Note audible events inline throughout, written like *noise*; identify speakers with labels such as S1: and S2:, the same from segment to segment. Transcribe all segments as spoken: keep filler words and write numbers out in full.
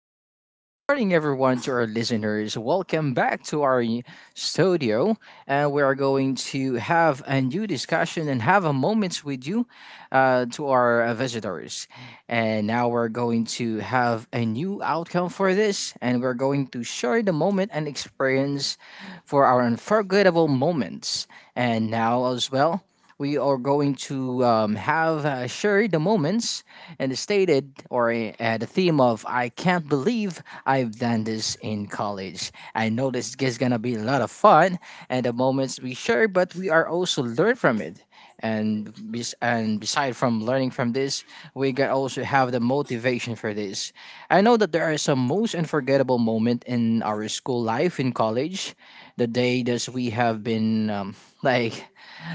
S1: good morning, good morning, everyone, to our listeners. Welcome back to our y- studio. And we are going to have a new discussion and have a moment with you uh, to our uh, visitors. And now we're going to have a new outcome for this. And we're going to share the moment and experience for our unforgettable moments. And now, as well. We are going to um, have uh, shared the moments and stated or uh, the theme of I can't believe I've done this in college. I know this is gonna be a lot of fun and the moments we share, but we are also learn from it. And bes- and beside from learning from this, we can also have the motivation for this. I know that there are some most unforgettable moment in our school life in college, the day that we have been um, like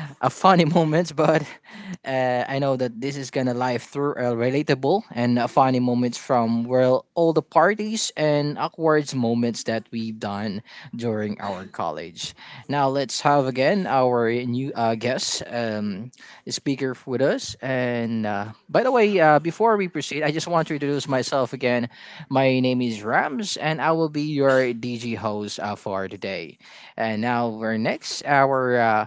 S1: *laughs* a funny moments, but uh, I know that this is gonna live through uh, relatable and uh, funny moments from well all the parties and awkward moments that we've done during our college. Now let's have again our new uh, guest um, speaker with us. And uh, by the way, uh, before we proceed, I just want to introduce myself again. My name is Rams, and I will be your D G host uh, for today. And now we're next our uh,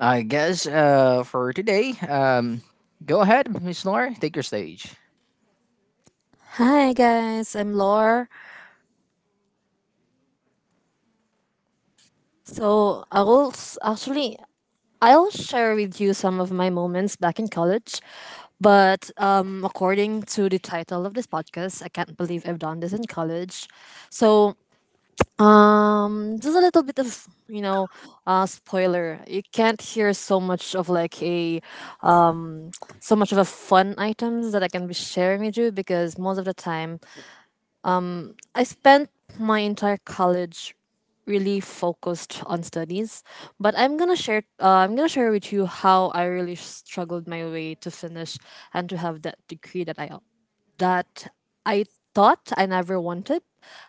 S1: I guess uh, for today, um, go ahead, Miss Nora, take your stage.
S2: Hi guys, I'm Laura. So I will s- actually I'll share with you some of my moments back in college, but um, according to the title of this podcast, I can't believe I've done this in college. So um, just a little bit of you know, uh, spoiler. You can't hear so much of like a so much of a fun items that I can be sharing with you because most of the time I spent my entire college really focused on studies, but I'm gonna share. Uh, I'm gonna share with you how I really struggled my way to finish and to have that degree that I that I thought I never wanted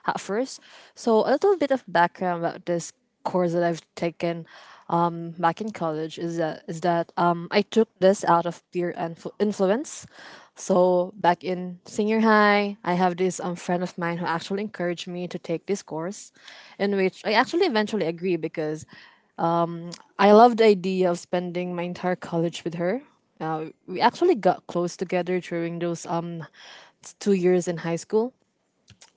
S2: at first. So a little bit of background about this course that I've taken um, back in college is that is that um, I took this out of peer influ- influence. So back in senior high, I have this um, friend of mine who actually encouraged me to take this course, in which I actually eventually agree because I love the idea of spending my entire college with her. Uh, we actually got close together during those um s- two years in high school.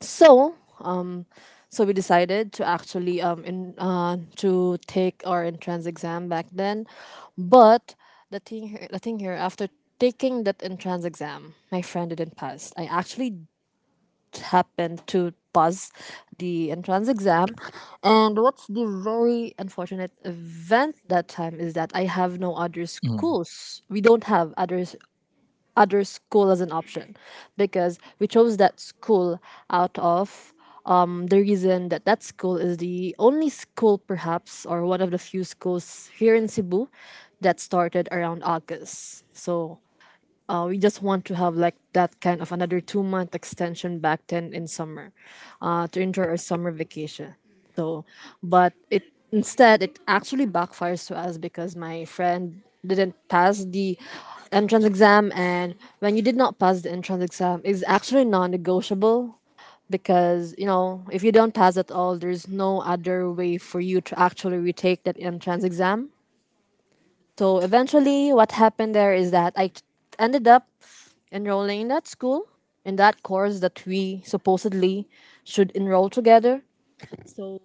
S2: So um, so we decided to actually um in uh to take our entrance exam back then, but the thing here, the thing here after taking that entrance exam, my friend didn't pass. I actually happened to pass the entrance exam. And what's the very unfortunate event that time is that I have no other
S1: Mm,
S2: schools, we don't have other other school as an option because we chose that school out of um, the reason that that school is the only school perhaps, or one of the few schools here in Cebu that started around August. So uh, we just want to have like that kind of another two month extension back then in summer, uh, to enjoy our summer vacation. So but it instead it actually backfires to us because my friend didn't pass the entrance exam. And when you did not pass the entrance exam, it's actually non-negotiable because you know if you don't pass at all, there's no other way for you to actually retake that entrance exam. So eventually, what happened there is that I t- ended up enrolling in that school, in that course that we supposedly should enroll together. So,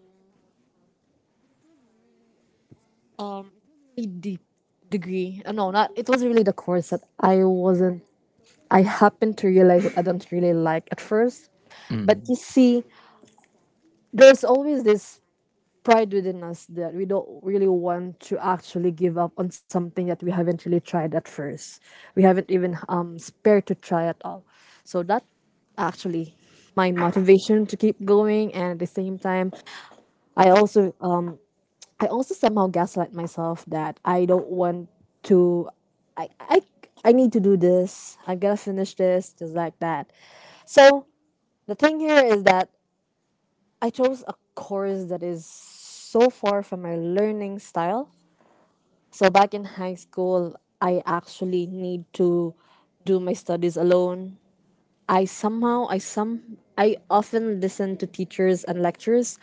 S2: um, a deep degree. uh, No, not it was really the course that I wasn't. I happened to realize that I don't really like at first. But
S1: mm.
S2: you see, there's always this pride within us that we don't really want to actually give up on something that we haven't really tried at first. We haven't even um spared to try at all. So that actually my motivation to keep going. And at the same time, I also um I also somehow gaslight myself that I don't want to. I I I need to do this. I gotta finish this just like that. So the thing here is that I chose a course that is so far from my learning style. So back in high school, I actually need to do my studies alone. I somehow I some I often listen to teachers and lectures,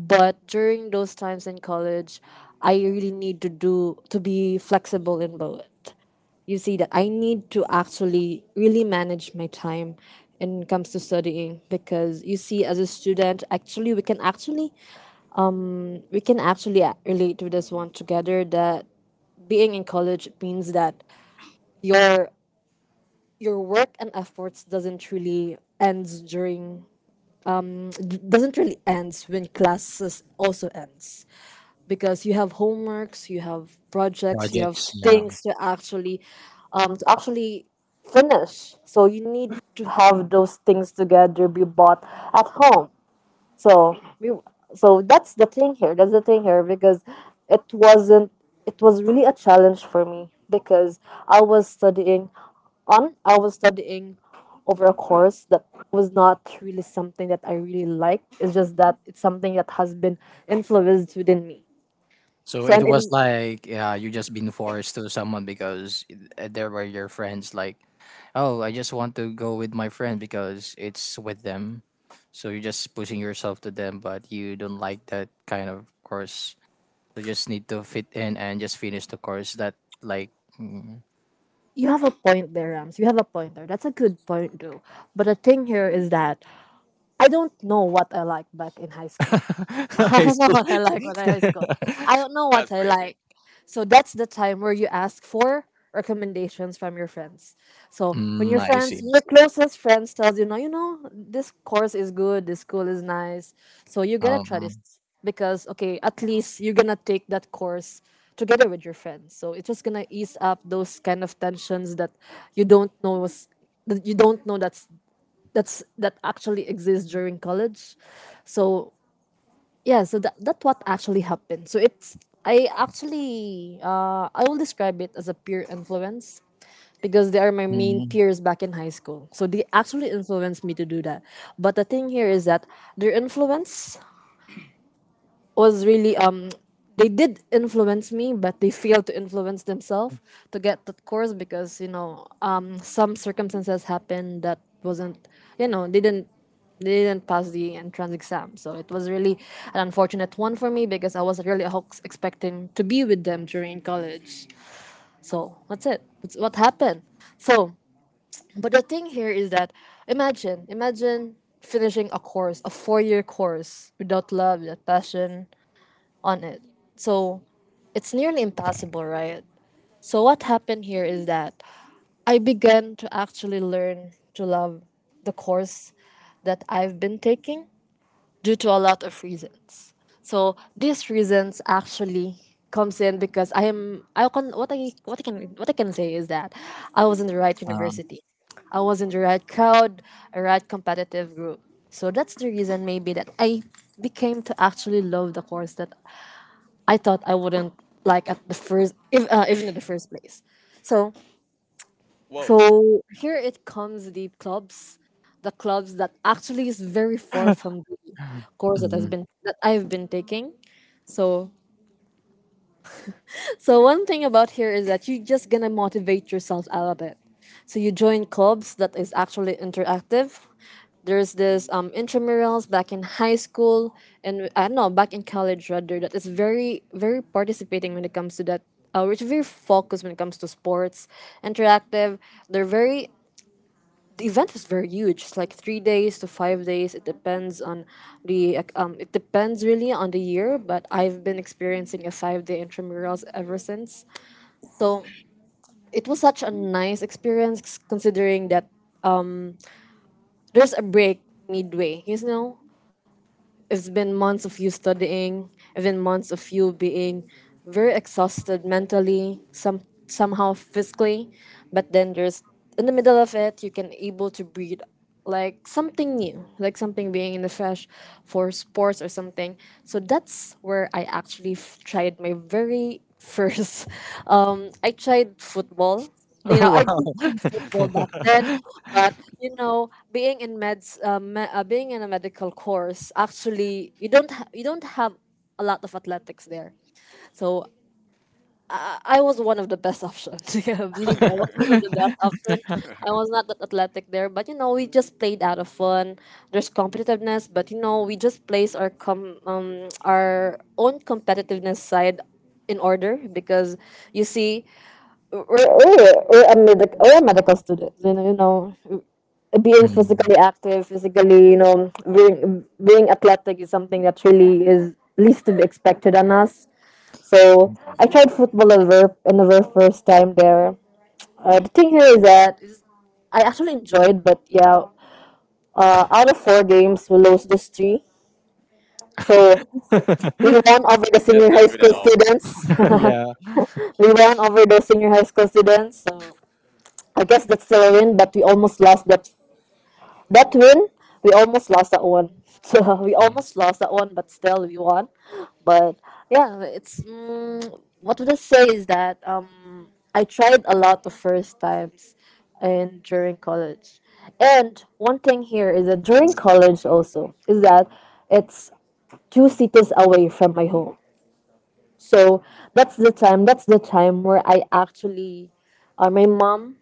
S2: but during those times in college, I really need to do to be flexible in both. You see that I need to actually really manage my time when it comes to studying because you see as a student actually, we can actually we can actually a- relate to this one together that being in college means that your your work and efforts doesn't really ends during d- doesn't really ends when classes also ends because you have homeworks, you have projects, you have
S1: Projects, yeah.
S2: things to actually um to actually finish. So you need to have those things together be bought at home. So we, so that's the thing here. That's the thing here because it wasn't. It was really a challenge for me because I was studying on. I was studying over a course that was not really something that I really liked. It's just that it's something that has been influenced within me.
S1: So
S2: So
S1: it
S2: and,
S1: was
S2: and
S1: like, yeah, you just been forced to someone because i- there were your friends. Like, oh, I just want to go with my friend because it's with them. So you're just pushing yourself to them, but you don't like that kind of course. You just need to fit in and just finish the course that like. Mm.
S2: you have a point there, Rams. You have a point there. That's a good point though. But the thing here is that I don't know what I liked back in high school. *laughs*
S1: *laughs*
S2: I
S1: I
S2: don't know what I like
S1: see.
S2: when I high school.
S1: *laughs*
S2: I don't know what
S3: That's
S2: I like.
S3: crazy.
S2: So that's the time where you ask for recommendations from your friends. So when
S1: Mm,
S2: your
S1: I see,
S2: friends, when
S1: I
S2: your
S1: see.
S2: closest friends tells you, no, you know, this course is good, this school is nice. So you gotta try this
S1: Um,
S2: because okay, at least you're gonna take that course together with your friends. So it's just gonna ease up those kind of tensions that you don't know was that you don't know that's that's that actually exists during college. So yeah, so that, that's what actually happened. So it's I actually uh, I will describe it as a peer influence because they are my main
S1: mhm,
S2: peers back in high school, so they actually influenced me to do that. But the thing here is that their influence was really um they did influence me, but they failed to influence themselves to get that course because you know um some circumstances happened that wasn't. you know they didn't they didn't pass the entrance exam. So it was really an unfortunate one for me because I was really ex- expecting to be with them during college. So that's it. That's what happened. So, but the thing here is that imagine imagine finishing a course, a four-year course without love, without passion on it. So it's nearly impossible, right? So what happened here is that I began to actually learn to love the course that I've been taking due to a lot of reasons. So these reasons actually comes in because I am I can what I what I can what I can say is that I was in the right
S1: um,
S2: university. I was in the right crowd, a right competitive group. So that's the reason maybe that I became to actually love the course that I thought I wouldn't like at the first, if, uh, even in the first place. So,
S3: Whoa.
S2: so here it comes the clubs, the clubs, that actually is very far from the course that has
S1: mhm.
S2: been that I've been taking. So So one thing about here is that you're just gonna motivate yourself out of it. So you join clubs that is actually interactive. There's this um, intramurals back in high school and I don't know back in college rather that is very very participating when it comes to that. Uh, which is very focused when it comes to sports, interactive. They're very the event is very huge. It's like three days to five days. It depends on the ac- um. It depends really on the year, but I've been experiencing a five day intramurals ever since. So it was such a nice experience considering that there's a break midway. You know, it's been months of you studying, it's been months of you being very exhausted mentally, some somehow physically, but then there's in the middle of it you can able to breathe like something new, like something being in the fresh for sports or something. So that's where I actually f- tried my very first. *laughs* Um, I tried football.
S1: *laughs*
S2: You
S1: Oh,
S2: know, I did
S1: wow.
S2: see
S1: *laughs*
S2: football back then, but you know, being in meds, uh, me- uh, being in a medical course, actually, you don't ha- you don't have a lot of athletics there. So I, I was one of the best options. *laughs* Yeah, believe me, I was
S3: *laughs*
S2: one of the best option. I was not that athletic there, but you know, we just played out of fun. There's competitiveness, but you know, we just place our com um our own competitiveness side in order because you see we're we we're a medic we're medical students. You know, you know being
S1: Mhm.
S2: physically active, physically, you know being being athletic is something that really is least to be expected on us. So I tried football over on the very first time there. Uh, the thing here is that is I actually enjoyed, but yeah, uh, out of four games we lost just three. So we won
S1: *laughs*
S2: over the senior
S3: That's
S2: high
S3: not good
S2: school
S3: at all.
S2: students.
S1: Yeah.
S2: *laughs* We won over the senior high school students. So I guess that's still a win, but we almost lost that. That win, we almost lost that one. *laughs* So we almost lost that one, but still we won. But yeah, it's mm, what would I say is that um, I tried a lot the first times and during college. And one thing here is that during college also is that it's two cities away from my home. So that's the time. That's the time where I actually, uh, my mom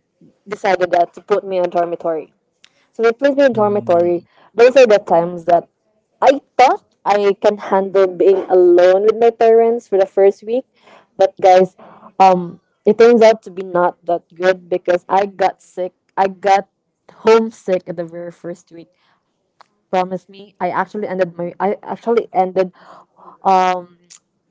S2: decided that to put me on dormitory so we me in
S1: Mm,
S2: dormitory. Those are the times that I thought I can handle being alone with my parents for the first week. But guys, um, it turns out to be not that good because I got sick. I got homesick at the very first week. Promise me, I actually ended my I actually ended um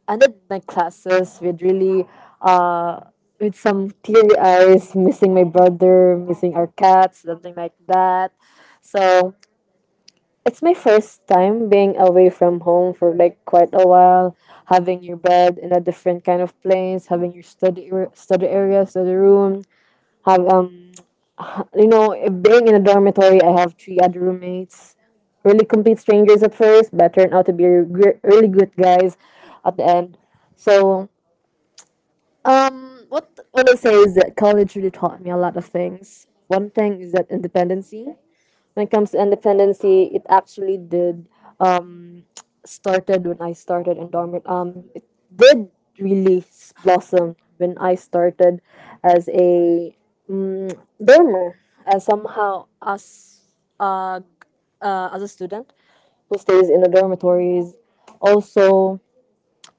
S2: ended my classes with really uh with some teary eyes, missing my brother, missing our cats, something like that. So it's my first time being away from home for like quite a while, having your bed in a different kind of place, having your study ar- study area, study room, have um *tsk* you know eh, being in a dormitory. I have three other roommates, really complete strangers at first, but turned out to be gr- really good guys at the end. So um, what what I say is that college really taught me a lot of things. One thing is that independency. When it comes to independency, it actually did um, started when I started in dormit. Um, It did really s- blossom when I started as a um, dormer, as somehow as uh, uh, as a student who stays in the dormitories. Also,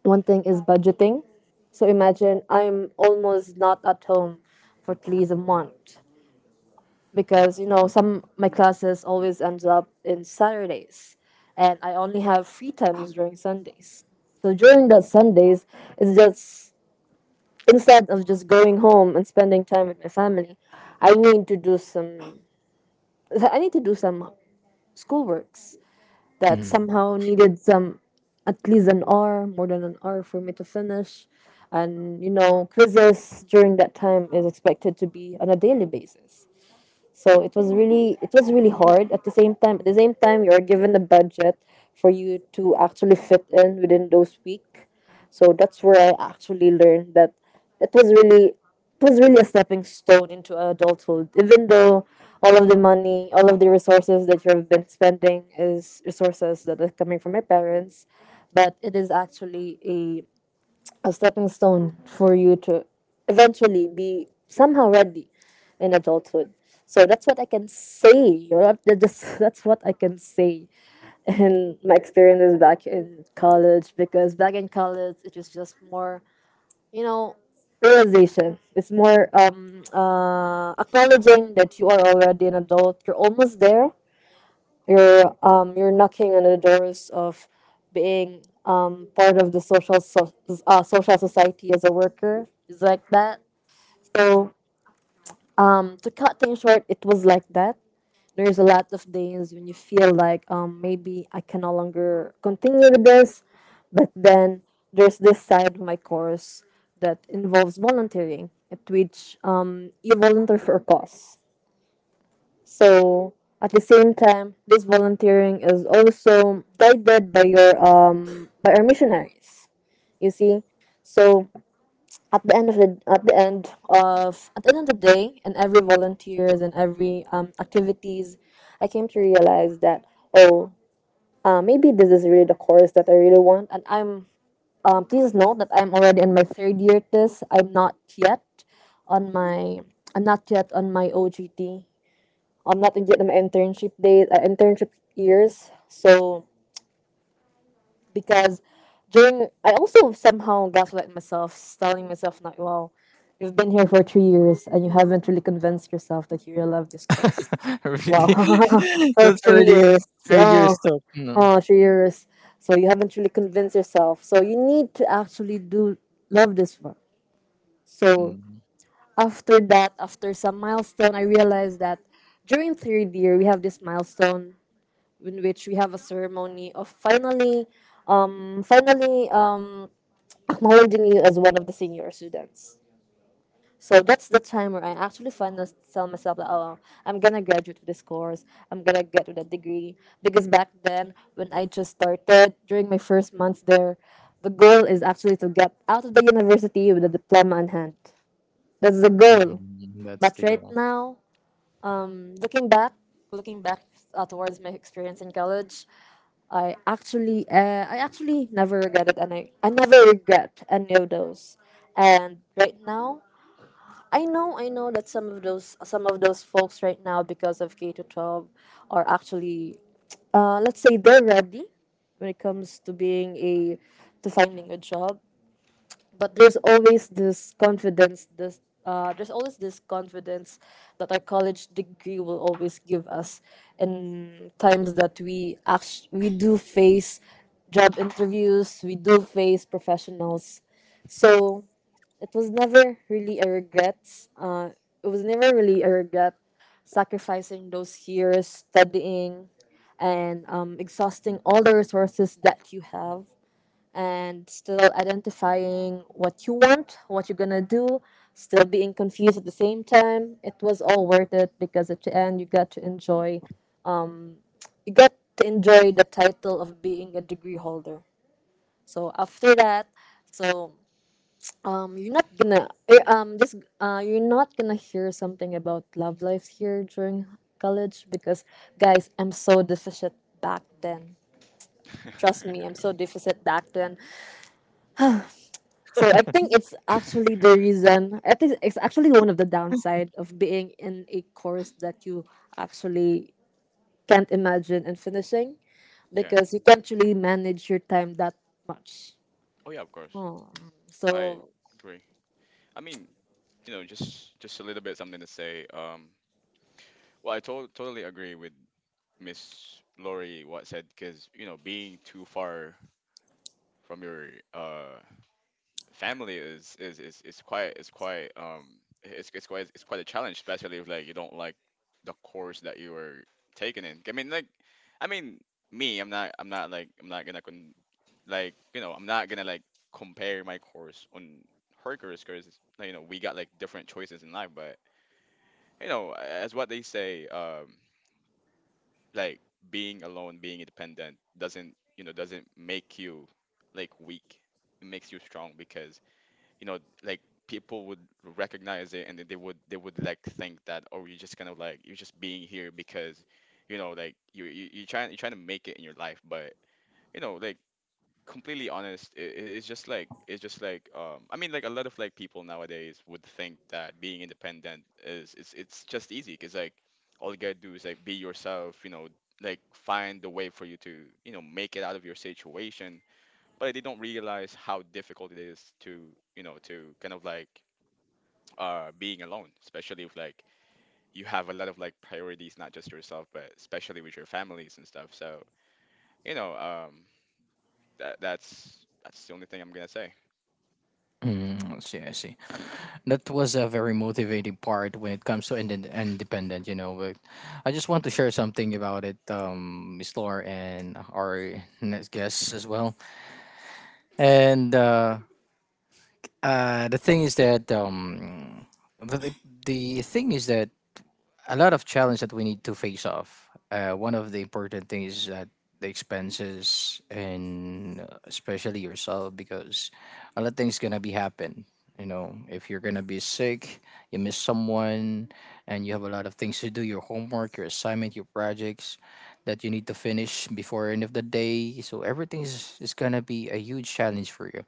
S2: one thing is budgeting. So imagine I'm almost not at home for at least a month because you know some my classes always ends up in Saturdays, and I only have free times during Sundays. So during the Sundays, it's just instead of just going home and spending time with my family, I need to do some I need to do some schoolworks that
S1: mhm.
S2: somehow needed some at least an hour, more than an hour for me to finish. And you know, quizzes during that time is expected to be on a daily basis. So it was really it was really hard. At the same time, at the same time, you are given a budget for you to actually fit in within those week. So that's where I actually learned that it was really it was really a stepping stone into adulthood. Even though all of the money, all of the resources that you've been spending is resources that are coming from my parents, but it is actually a a stepping stone for you to eventually be somehow ready in adulthood. So that's what I can say. You know, that- that's, *laughs* that's what I can say. And my experiences back in college, because back in college, it was just more, you know, realization. It's more um, uh, acknowledging that you are already an adult, you're almost there. You're um you're knocking on the doors of being um part of the social so, uh, social society as a worker. It's like that. So um to cut things short, it was like that. There's a lot of days when you feel like um maybe I can no longer continue with this, but then there's this side of my course that involves volunteering, at which um you volunteer for a cause so at the same time, this volunteering is also guided by your um by our missionaries. You see, so at the end of the at the end of at the end of the day, and every volunteers and every um activities, I came to realize that oh, uh, maybe this is really the course that I really want, and I'm um please note that I'm already in my third year. At this I'm not yet on my I'm not yet on my O G T. I'm not yet in my internship days, uh, internship years. So because during, I also somehow gaslight myself, telling myself, "Not wow, you've been here for three years and you haven't really convinced yourself that you really love this course.
S1: *laughs*
S2: Wow,
S1: Really?
S2: *laughs*
S1: *laughs*
S2: for
S1: That's
S2: three
S1: already
S2: years,
S1: three
S3: *laughs*
S1: years
S2: oh,
S1: stuck. No.
S2: oh, three years. So you haven't really convinced yourself. So you need to actually do love this one. So
S1: Mm,
S2: after that, after some milestone, I realized that during third year we have this milestone in which we have a ceremony of finally um, finally um, acknowledging you as one of the senior students. So that's the time where I actually finally tell myself that oh, I'm gonna graduate with this course. I'm gonna get with that degree because back then when I just started during my first months there, the goal is actually to get out of the university with a diploma in hand. That's the goal.
S1: mhm, that's
S2: But
S1: the
S2: right
S1: goal.
S2: now, looking back, looking back uh, towards my experience in college, I actually uh, I actually never regretted any I never regret any of those. And right now, I know I know that some of those some of those folks right now because of K to twelve are actually uh, let's say they're ready when it comes to being a to finding a job, but there's always this confidence this uh, there's always this confidence that our college degree will always give us in times that we act- we do face job interviews, we do face professionals. So it was never really a regret uh, it was never really a regret sacrificing those years studying and um, exhausting all the resources that you have and still identifying what you want, what you're gonna do, still being confused at the same time. It was all worth it because at the end you got to enjoy you got to enjoy the title of being a degree holder. So after that, so um you're not gonna eh, um just uh you're not gonna hear something about love life here during college because guys I'm so deficient back then. Trust me, I'm so deficient back then. So I think it's actually the reason. I think it's actually one of the downside of being in a course that you actually can't imagine and finishing
S3: yeah.
S2: because you can't really manage your time that much.
S3: Oh yeah, of course.
S2: Oh,
S3: I
S2: so
S3: agree. I mean, you know, just just a little bit something to say. Um, well, I to- totally agree with Miss Lori what said because you know being too far from your uh family is is is, is quite is quite um it's, it's quite it's quite a challenge, especially if like you don't like the course that you were taking in. I mean, like, I mean, Me, I'm not I'm not like I'm not gonna con- like you know I'm not gonna like compare my course on her course because you know we got like different choices in life, but you know as what they say, um, like being alone, being independent doesn't you know doesn't make you like weak. It makes you strong because you know like people would recognize it and then they would they would like think that oh you're just kind of like you're just being here because you know like you you you trying you're trying to make it in your life but you know like completely honest, I it's just like it's just like um I mean like a lot of like people nowadays would think that being independent is it's it's just easy because like all you gotta do is like be yourself, you know, like find the way for you to you know make it out of your situation. But they don't realize how difficult it is to you know to kind of like uh being alone, especially if like you have a lot of like priorities, not just yourself, but especially with your families and stuff. So you know um that that's that's the only thing I'm gonna say.
S1: Mm, I see, I see. That was a very motivating part when it comes to ind- independent, you know. But I just want to share something about it, um, Miss Laura and our next guest as well. And uh, Uh, the thing is that um, the the thing is that a lot of challenge that we need to face off. Uh, one of the important things is that the expenses and uh, especially yourself because a lot of things gonna be happen. You know, if you're gonna be sick, you miss someone, and you have a lot of things to do, your homework, your assignment, your projects that you need to finish before end of the day. So everything is, is gonna be a huge challenge for you,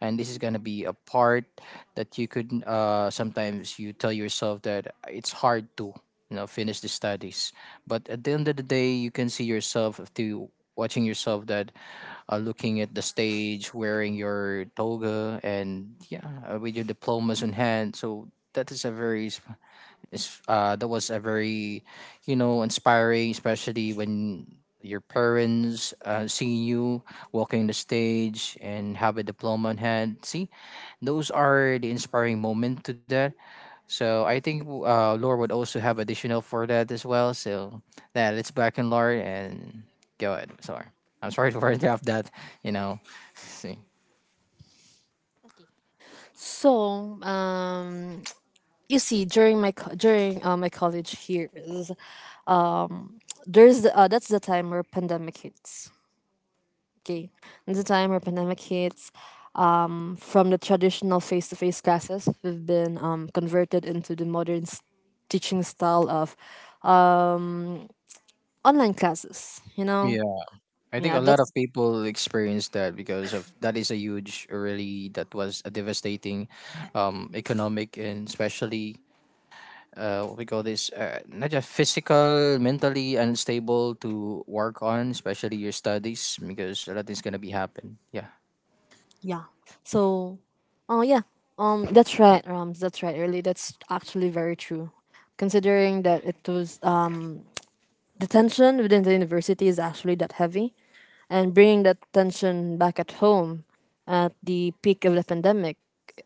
S1: and this is gonna be a part that you could uh, sometimes you tell yourself that it's hard to, you know, finish the studies, but at the end of the day you can see yourself to watching yourself that uh, looking at the stage wearing your toga and yeah uh, with your diplomas in hand. So that is a very s- is uh, that was a very, you know, inspiring especially when your parents uh, see you walking the stage and have a diploma in hand, see those are the inspiring moment to that. So I think uh, Lore would also have additional for that as well. So yeah, let's back in Lore and go ahead, sorry, I'm sorry *laughs* to interrupt that, you know. *laughs* See,
S2: so um, *tsk* you see during my co- during uh, my college years, um, there's uh, that's the time where pandemic hits. Okay. And the time where pandemic hits, um, from the traditional face-to-face classes, we've been um, converted into the modern s- teaching style of um, online classes. You know,
S1: I think
S2: yeah,
S1: a lot of
S2: that's
S1: people experienced that because of that is a huge, really that was a devastating, um, economic, and especially uh, what we call this, uh, not just physical, mentally unstable to work on, especially your studies because a lot is gonna be happen. Yeah,
S2: yeah. So, oh yeah, um, that's right, Rams. That's right. Really, that's actually very true. Considering that it was um the tension within the university is actually that heavy and bringing that tension back at home at the peak of the pandemic,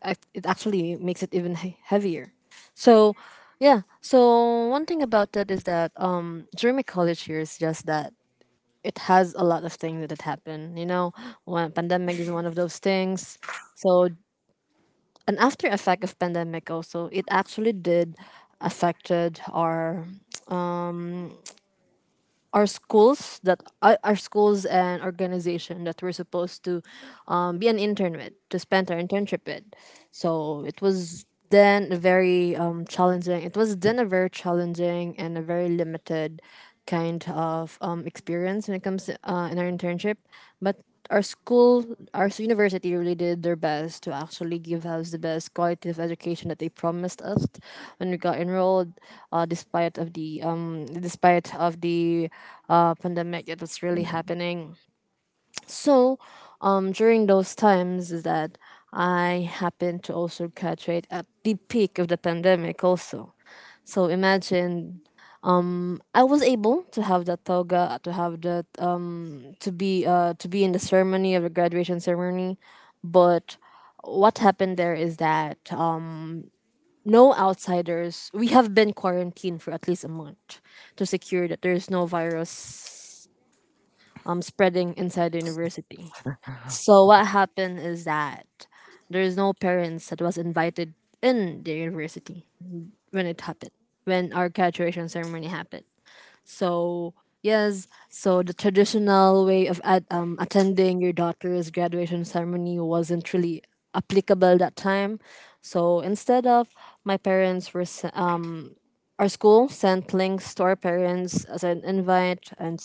S2: ac- it actually makes it even he- heavier. So yeah, so one thing about that is that um during my college years, just that it has a lot of things that had happened. You know, when pandemic is one of those things, so an after effect of pandemic also, it actually did affected our our schools that uh, our schools and organization that we're supposed to um, be an intern with, to spend our internship with. So it was then a very um, challenging it was then a very challenging and a very limited kind of um, experience when it comes to, uh, in our internship, but our school, our university really did their best to actually give us the best quality of education that they promised us when we got enrolled. Uh, despite of the um, despite of the uh, pandemic that was really
S1: you know.
S2: happening. So, um, during those times is that I happened to also graduate at the peak of the pandemic also. So imagine I was able to have that toga, to have that um to be uh to be in the ceremony of the graduation ceremony, but what happened there is that um, no outsiders. We have been quarantined for at least a month to secure that there is no virus um spreading inside the university. So what happened is that there is no parents that was invited in the university when it happened, when our graduation ceremony happened. So yes, so the traditional way of at, um, attending your daughter's graduation ceremony wasn't really applicable that time. So instead of my parents were se- uh, our school sent links to our parents as an invite, and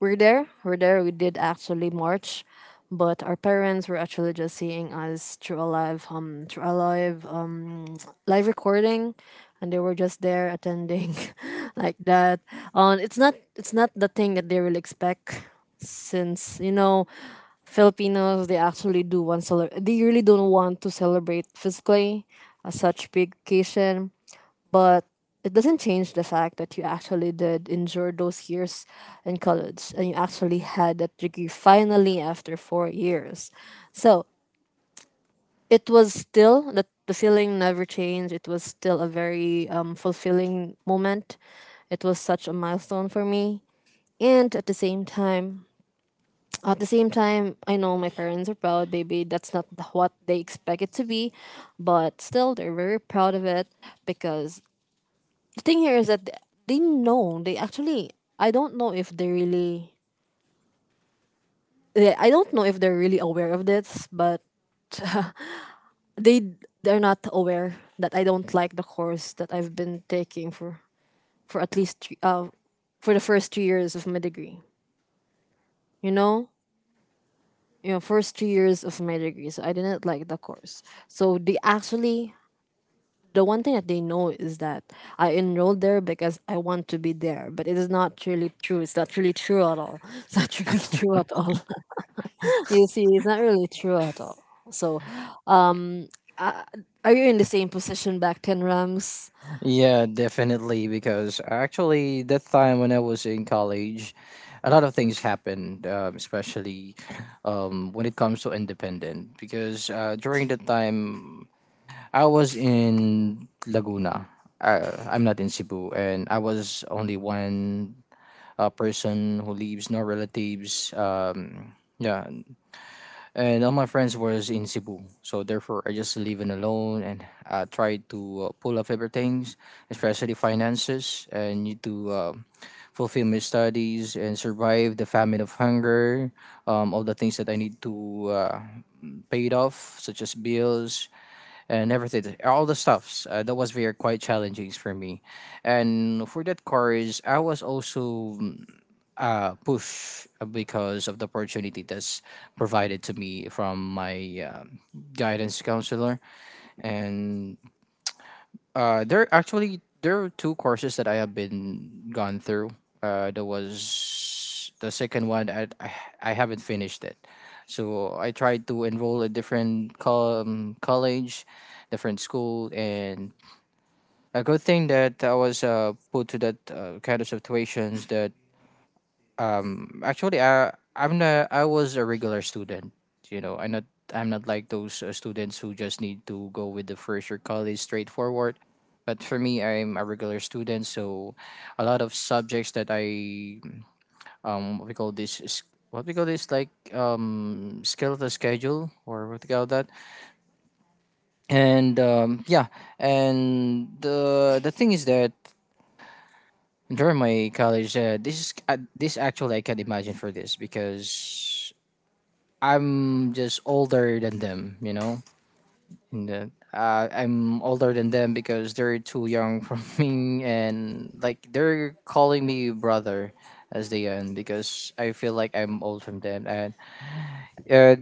S2: we're there. We're there. We did actually march, but our parents were actually just seeing us through a live, um, through a live, um, *tsk* live recording, and they were just there attending, *laughs* like that. Um, it's not, it's not the thing that they will expect, since you know, Filipinos they actually do want cele- they really don't want to celebrate physically, a such big occasion, but it doesn't change the fact that you actually did endure those years in college and you actually had that degree finally after four years. So it was still that the feeling never changed. It was still a very um, fulfilling moment. It was such a milestone for me. And at the same time, at the same time, I know my parents are proud, baby. That's not th- what they expect it to be, but still, they're very proud of it because the thing here is that they know they actually I don't know if they really— eh, I don't know if they're really aware of this, but they they're not aware that I don't like the course that I've been taking for for at least three, uh, for the first three years of my degree. You know you know first three years of my degree, so I didn't like the course. So they actually the one thing that they know is that I enrolled there because I want to be there, but it is not really true. It's not really true at all. *laughs* It's not really *laughs* true at all. You see, it's not really true at all. So, are you in the same position back then, Rams?
S1: Yeah, definitely. Because actually, that time when I was in college, a lot of things happened, um, especially um, when it comes to independent. Because uh, during that time, I was in Laguna. Uh, I'm not in Cebu, and I was only one uh, person who leaves, no relatives. Um, yeah, and all my friends was in Cebu, so therefore I just living alone and uh, try to uh, pull up everything, especially finances, and need to uh, fulfill my studies and survive the famine of hunger, um, all the things that I need to uh, paid off, such as bills, and everything, all the stuffs. Uh, that was very quite challenging for me, and for that course, I was also mm, uh, pushed because of the opportunity that's provided to me from my um, guidance counselor, and uh, there actually there are two courses that I have been gone through. Uh, there was the second one. I I, I haven't finished it, so I tried to enroll a different col- um, college, different school, and a good thing that I was uh, put to that uh, kind of situations that actually I I'm not, I was a regular student. You know, I'm not I'm not like those uh, students who just need to go with the first year college straightforward. But for me, I'm a regular student, so a lot of subjects that I um, what we call this is, what we call this like um, skeletal schedule or what we call that. And um, yeah, and the the thing is that during my college uh, this is uh, this actually I can imagine for this because I'm just older than them, you know. And the, uh, I'm older than them because they're too young for *laughs* me, and like they're calling me brother as they end because I feel like I'm old from them. And uh,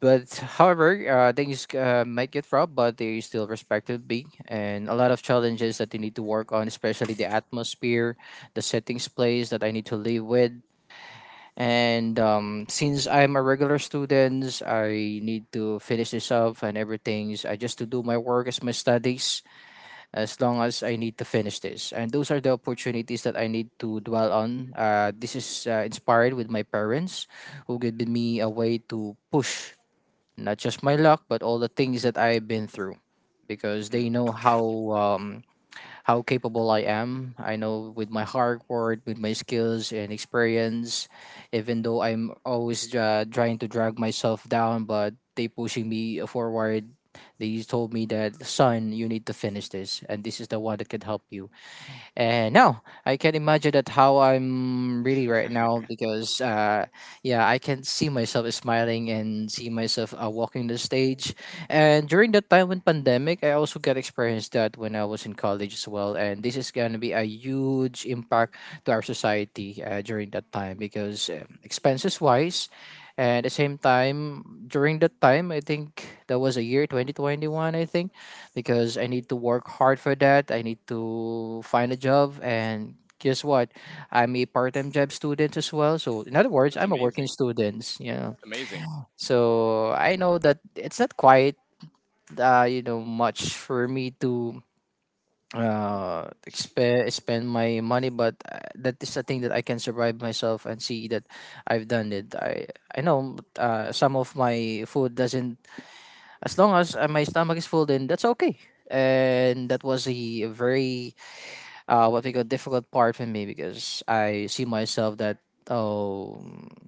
S1: but however, uh, things uh, might get rough, but they still respected me, and a lot of challenges that they need to work on, especially the atmosphere, the settings place that I need to live with. And um, since I'm a regular student, I need to finish this up and everything. I just to do my work as my studies as long as I need to finish this. And those are the opportunities that I need to dwell on. Uh, this is uh, inspired with my parents who gave me a way to push not just my luck but all the things that I've been through because they
S3: Mm.
S1: know how um, how capable I am. I know with my hard work, with my skills and experience, even though I'm always uh, trying to drag myself down, but they pushing me forward. They told me that, son, you need to finish this, and this is the one that can help you. And no, I can imagine that how I'm really right now because uh, yeah, I can see myself smiling and see myself uh, walking the stage. And during that time when pandemic, I also got experienced that when I was in college as well. And this is gonna be a huge impact to our society uh, during that time because um, expenses wise. And at the same time, during that time, I think that was a year twenty twenty-one, I think because I need to work hard for that. I need to find a job and guess what? I'm a part-time job student as well. So in other words,
S3: That's
S1: I'm a working
S3: amazing.
S1: student, you know.
S3: Amazing.
S1: So I know that it's not quite uh, you know much for me to uh expe- spend my money, but uh, that is a thing that I can survive myself and see that I've done it I I know uh, some of my food doesn't, as long as uh, my stomach is full, then that's okay. And that was a very uh, what we call difficult part for me because I see myself that, oh,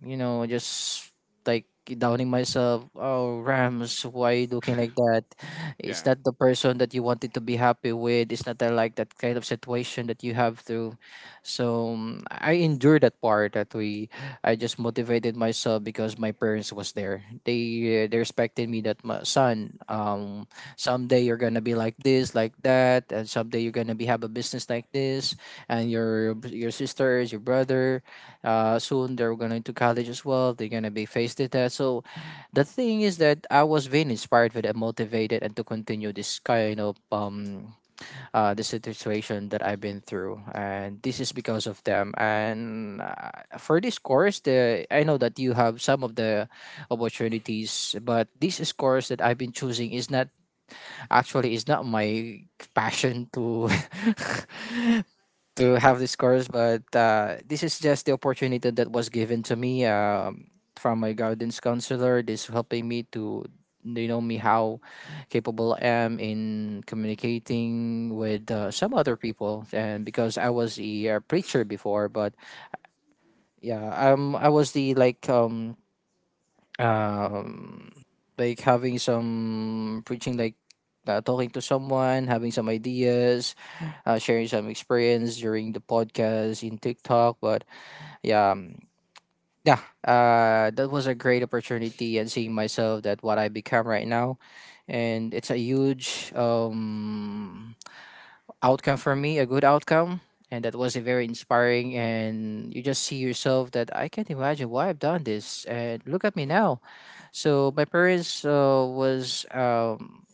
S1: you know just like downing myself. Oh, Rams, why looking like
S3: *laughs*
S1: that? It's
S3: Yeah.
S1: not the person that you wanted to be happy with. It's not that, like, that kind of situation that you have to. So mm, I endure that part that we, I just motivated myself because my parents was there. They uh, they respected me that, my son, um someday you're gonna be like this, like that, and someday you're gonna be have a business like this. And your your sisters, your brother, uh, soon they're going to college as well, they're gonna be faced with that. So the thing is that I was being inspired with and motivated and to continue this kind of um uh the situation that I've been through, and this is because of them. And uh, for this course, the, I know that you have some of the opportunities, but this is course that I've been choosing is not, actually it's not my passion to *laughs* to have this course. But uh, this is just the opportunity that was given to me, um, from my guidance counselor. This helping me to, you know, me how capable I am in communicating with uh, some other people. And because I was a uh, preacher before. But yeah, um I was the, like, um um like having some preaching, like uh, talking to someone, having some ideas, uh, sharing some experience during the podcast in TikTok. But yeah, um, yeah, uh, that was a great opportunity, and seeing myself that what I become right now. And it's a huge um outcome for me, a good outcome. And that was a very inspiring, and you just see yourself that I can't imagine why I've done this and look at me now. So my parents uh, was, um,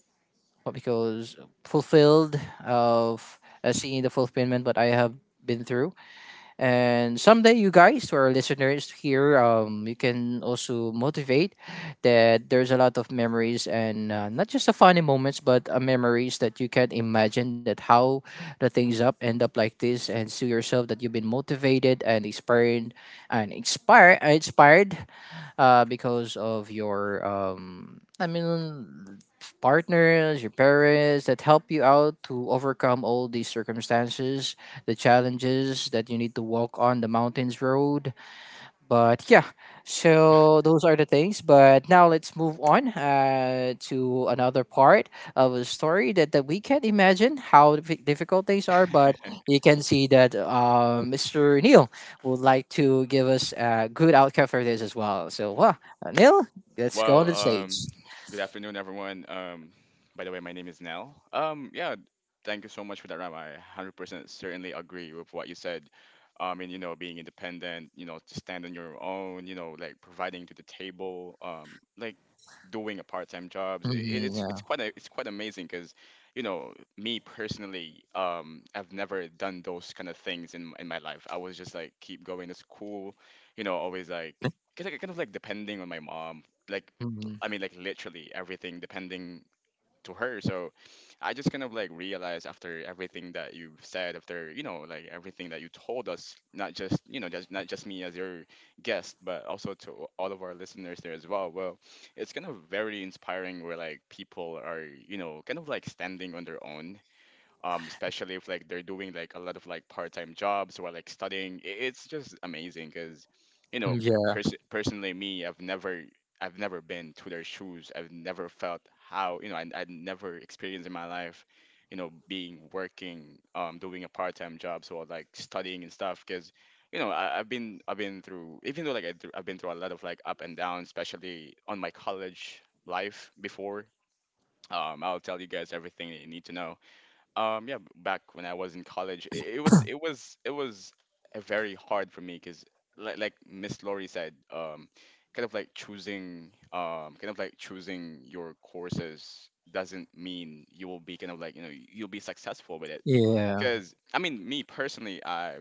S1: what, because fulfilled of uh, seeing the fulfillment what I have been through. And someday, you guys or listeners here, um, you can also motivate that there's a lot of memories and uh, not just the funny moments, but uh, memories that you can imagine that how the things up end up like this. And see yourself that you've been motivated and inspired and inspired, inspired uh, because of your um, I mean, partners, your parents that help you out to overcome all these circumstances, the challenges that you need to walk on the mountains road. But yeah, so those are the things. But now let's move on, uh, to another part of a story that, that we can't imagine how dif- difficult things are. But you can see that uh, Mr. Neil would like to give us a good outcome for this as well. So, well,
S3: *laughs*
S1: Neil, let's go on
S3: Well,
S1: the stage.
S3: um, good afternoon, everyone. Um, by the way, my name is Nell. Um, yeah, thank you so much for that, Ram. I one hundred percent certainly agree with what you said. I mean, you know, being independent, you know, to stand on your own, you know, like providing to the table, um, like doing a part-time job. It,
S1: Mhm,
S3: it's it's
S1: yeah.
S3: quite a, it's quite amazing because, you know, me personally, um, I've never done those kind of things in in my life. I was just like keep going to school, you know, always like kind of kind of like depending on my mom like
S1: Mhm.
S3: I mean like literally everything depending to her. So I just kind of like realized after everything that you said, after you know like everything that you told us, not just you know just not just me as your guest, but also to all of our listeners there as well. Well, it's kind of very inspiring where like people are you know kind of like standing on their own, um, especially if like they're doing like a lot of like part-time jobs while like studying. I- It's just amazing because, you know,
S1: Yeah.
S3: pers- personally me, I've never I've never been to their shoes. I've never felt how you know I I never experienced in my life, you know, being working um doing a part-time job so like studying and stuff because. You know, I, I've been I've been through even though like I th- I've been through a lot of like up and down, especially on my college life before. Um, I'll tell you guys everything that you need to know. Um, yeah, b- back when I was in college, i- it, was it was it was uh, very hard for me because, like, like Miss Laurie said, um, kind of like choosing, um, kind of like choosing your courses doesn't mean you will be kind of like you know you'll be successful with it.
S1: Yeah.
S3: Because I mean, me personally, I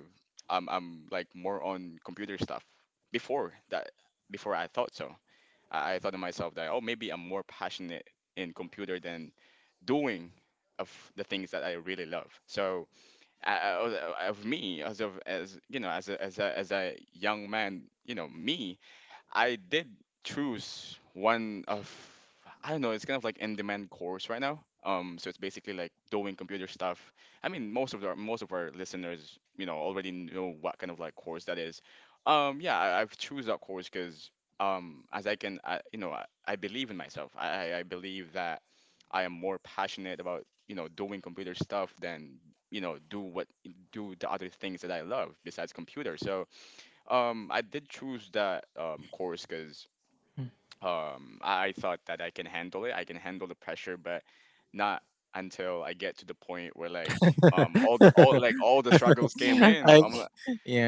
S3: I'm I'm like more on computer stuff before that. Before I thought so, I, I thought to myself that oh maybe I'm more passionate in computer than doing of the things that I really love. So uh, of me as of as you know as a, as a as a young man, you know me, I did choose one of I don't know, it's kind of like in-demand course right now. Um, so it's basically like doing computer stuff. I mean, most of our most of our listeners, you know, already know what kind of like course that is. Um, yeah, I, I've choose that course because um, as I can, I, you know, I, I believe in myself. I, I I believe that I am more passionate about you know doing computer stuff than you know do what do the other things that I love besides computer. So um, I did choose that um course because um I, I thought that I can handle it. I can handle the pressure, but not until I get to the point where like um all the all like all the struggles came
S1: *laughs*
S3: in.
S1: I,
S3: So I'm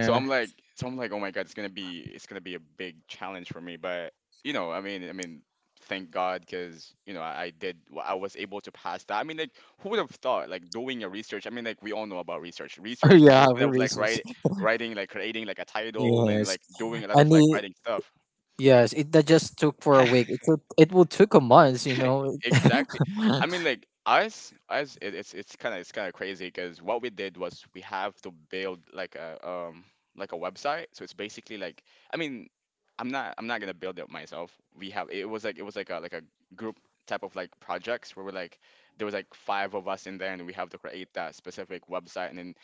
S3: so I'm like, so I'm like, oh my God, it's gonna be, it's gonna be a big challenge for me. But you know, I mean, I mean, thank God, because you know, I, I did, I was able to pass that. I mean, like, who would have thought, like, doing a research? I mean, like, we all know about research.
S1: *laughs*
S3: Research is
S1: Yeah,
S3: just
S1: I'm a
S3: kind of like write,
S1: racist.
S3: writing, like, creating, like a title, and
S1: Yes.
S3: like doing a lot
S1: I
S3: of like
S1: need,
S3: writing stuff.
S1: yes, it that just took for a week.
S3: *laughs*
S1: It took, it will took a month, you
S3: *laughs*
S1: know.
S3: Exactly. I
S1: *laughs*
S3: mean, like us, us, it, it's it's kind of it's kind of crazy because what we did was we have to build like a um like a website. So it's basically like I mean, I'm not I'm not gonna build it myself. We have it was like it was like a like a group type of like projects where we're like there was like five of us in there and we have to create that specific website. And then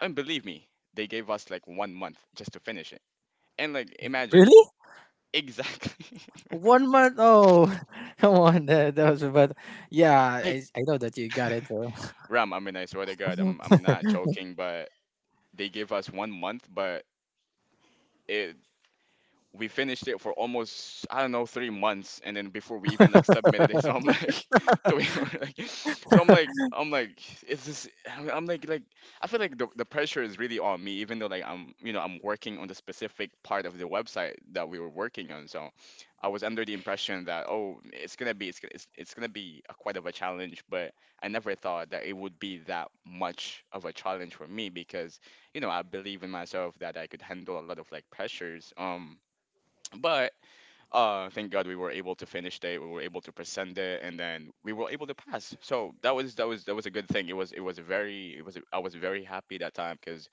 S3: I mean, believe me, they gave us like one month just to finish it. And like imagine
S1: Really?
S3: exactly.
S1: One month? Oh, *laughs* come on, that, that was, but yeah,
S3: *laughs* like.
S1: I, I know that you got it.
S3: *laughs*
S1: Though.
S3: Ram, I mean, I swear to God, I'm I'm not joking, but they gave us one month, but it we finished it for almost I don't know three months, and then before we even like submitted it, *laughs* so I'm like, *laughs* so we were like, so I'm like, I'm like, is this? I'm I'm like, like I feel like the the pressure is really on me, even though like I'm you know I'm working on the specific part of the website that we were working on, so I was under the impression that oh it's gonna be it's gonna- it's, it's gonna be a, quite of a challenge, but I never thought that it would be that much of a challenge for me because you know I believe in myself that I could handle a lot of like pressures. Um but uh thank god we were able to finish it, we were able to present it, and then we were able to pass, so that was that was that was a good thing. it was it was a very it was a, I was very happy that time because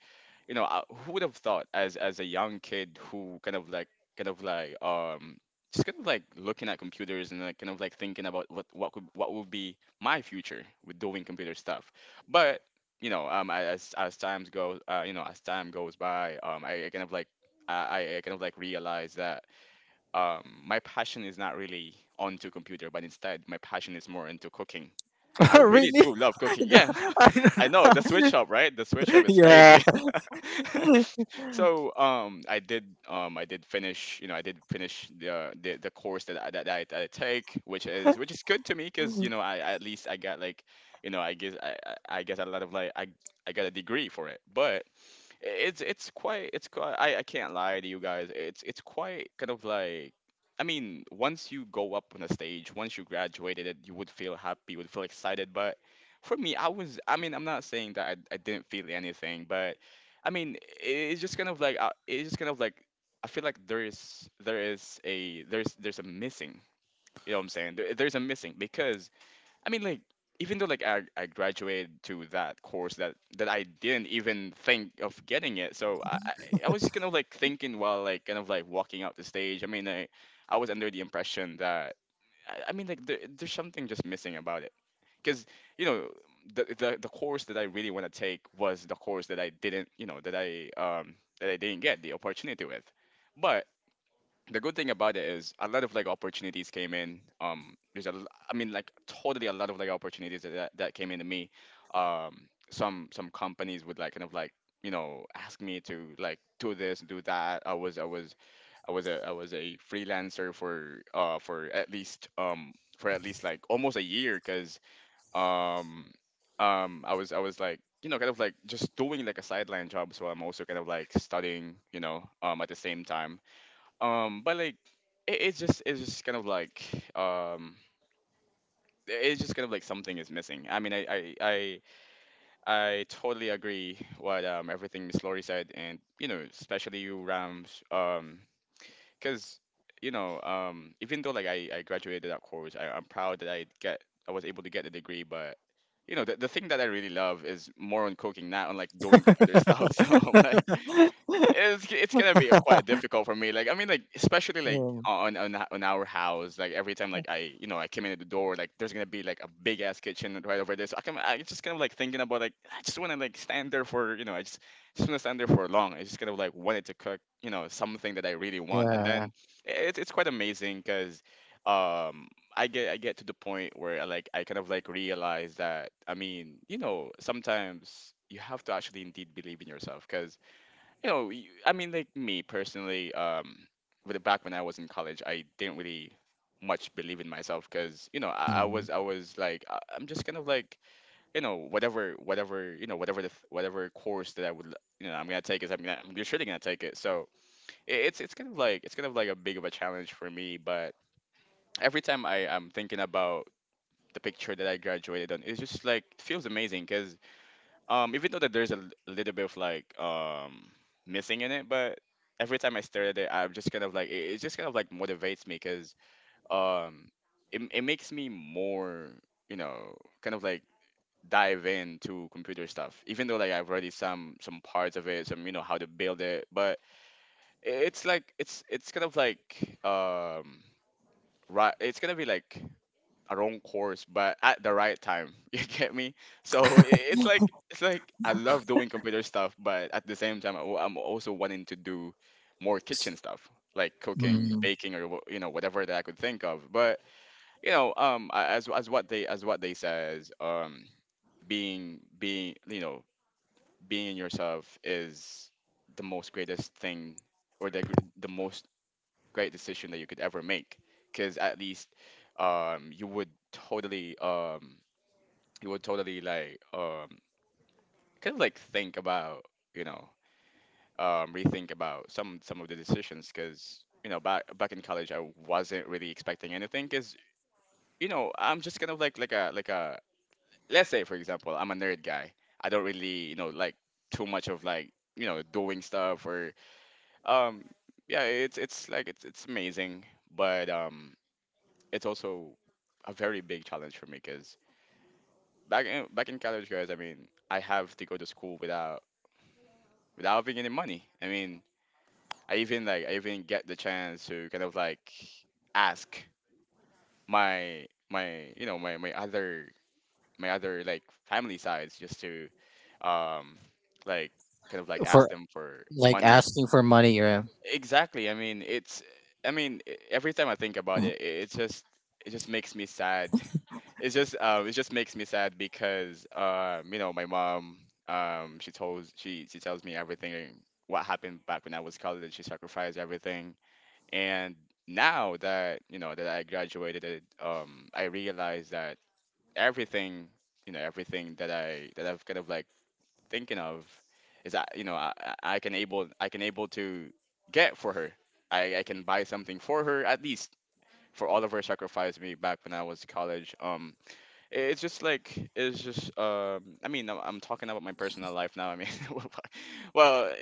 S3: you know I, who would have thought as as a young kid who kind of like kind of like um just kind of like looking at computers and like kind of like thinking about what what could what would be my future with doing computer stuff, but you know um I- as as times go uh you know as time goes by um i, I kind of like I, I I kind of like realize that um, my passion is not really onto computer, but instead my passion is more into cooking. I
S1: *laughs*
S3: really
S1: Really?
S3: do love cooking. Yeah, *laughs* I know the switch up, right? The switch up
S1: *laughs*
S3: is
S1: Yeah.
S3: crazy. *laughs* So um, I did um, I did finish you know I did finish the the, the course that I, that I, that I take, which is which is good to me because you know I I- at least I got like you know I guess I I I guess a lot of like I I got a degree for it, but it's it's quite it's quite I, I can't lie to you guys, it's it's quite kind of like I mean, once you go up on a stage, once you graduated it, you would feel happy, you would feel excited. But for me, I was, I mean, I'm not saying that I, I didn't feel anything, but I mean, i- it's just kind of like, uh, it's just kind of like, I feel like there is, there is a, there's, there's a missing, you know what I'm saying? There, there's a missing. Because I mean, like, Even though like I, I graduated to that course that that I didn't even think of getting it, so I I I was kind of like thinking while like kind of like walking out the stage. I mean, I I was under the impression that I, I mean like there, there's something just missing about it, because you know the, the the course that I really want to take was the course that I didn't you know that I um that I didn't get the opportunity with. The good thing about it is a lot of like opportunities came in. Um, there's a, l- I mean, like totally a lot of like opportunities that that that came into me. Um, some some companies would like kind of like you know ask me to like do this do that. I was I was I was a I was a freelancer for uh for at least um for at least like almost a year because um um I was I was like you know kind of like just doing like a sideline job, so I'm also kind of like studying you know um at the same time. Um but like it, it's just it's just kind of like um it's just kind of like something is missing. I mean, I I I, I totally agree what um everything Miss Lori said, and you know, especially you Rams, um, because you know, um, even though like I I graduated that course, I, I'm proud that I get I was able to get the degree. But you know, the, the thing that I really love is more on cooking, not on like doing computer stuff. *laughs* So I'm like, it's it's gonna be quite difficult for me. Like I mean, like especially like
S1: Um,
S3: on on on our house. Like every time like I you know I came in at the door, like there's gonna be like a big ass kitchen right over there. So I can I just kind of like thinking about like I just wanna like stand there for you know I just just wanna stand there for long. I just kind of like wanted to cook you know something that I really want, and
S1: yeah.
S3: then it's it's quite amazing because um I get I get to the point where I, like I kind of like realize that I mean you know sometimes you have to actually indeed believe in yourself. Because you know, y- I mean, like me personally, um, with the- back when I was in college, I didn't really much believe in myself. Because you know I, I was I was like I, I'm just kind of like you know whatever whatever you know whatever the th- whatever course that I would l- you know I'm gonna take is I'm gonna I'm surely gonna take it. So I it's it's kind of like it's kind of like a big of a challenge for me. But every time I I'm thinking about the picture that I graduated on, it's just like feels amazing. Um, even though that there's a l- little bit of like um missing in it, but every time I stare at it, I'm just kind of like it, it just kind of like motivates me. Because um it it makes me more you know kind of like dive into computer stuff. Even though like I've already some some parts of it, some you know how to build it, but i- it's like it's it's kind of like um right. It's gonna be like a wrong course, but at the right time. *laughs* You get me? So i- it's like it's like I love doing computer stuff, but at the same time, I w- I'm also wanting to do more kitchen stuff, like cooking,
S1: Mm.
S3: baking, or wh- you know whatever that I could think of. But you know, um, a- as as what they as what they says, um, being being you know being yourself is the most greatest thing, or the gr- the most great decision that you could ever make. Because at least um you would totally um you would totally like um kind of like think about you know um rethink about some some of the decisions. Because you know back back in college I wasn't really expecting anything. Because you know I'm just kind of like like a like a, let's say for example, I'm a nerd guy. I don't really you know like too much of like you know doing stuff or um yeah it's it's like it's it's amazing. But um it's also a very big challenge for me because back in back in college guys, I mean, I have to go to school without without having any money. I mean, I even like I even get the chance to kind of like ask my my you know my my other, my other like family sides, just to um like kind of like
S1: For,
S3: ask them for
S1: like,
S3: money.
S1: asking for money, yeah.
S3: Exactly. I mean, it's, I mean, e- every time I think about it, it, it just it just makes me sad. *laughs* It's just um it just makes me sad because um you know, my mom um she told she she tells me everything what happened back when I was college. She sacrificed everything. And now that you know that I graduated, it, um, I realized that everything, you know, everything that I that I've kind of like thinking of is that you know I, I I can able I can able to get for her. I, I can buy something for her, at least for all of her sacrifice me back when I was college. Um, I- it's just like it's just um. I mean, I'm, I'm talking about my personal life now. I mean, *laughs* well,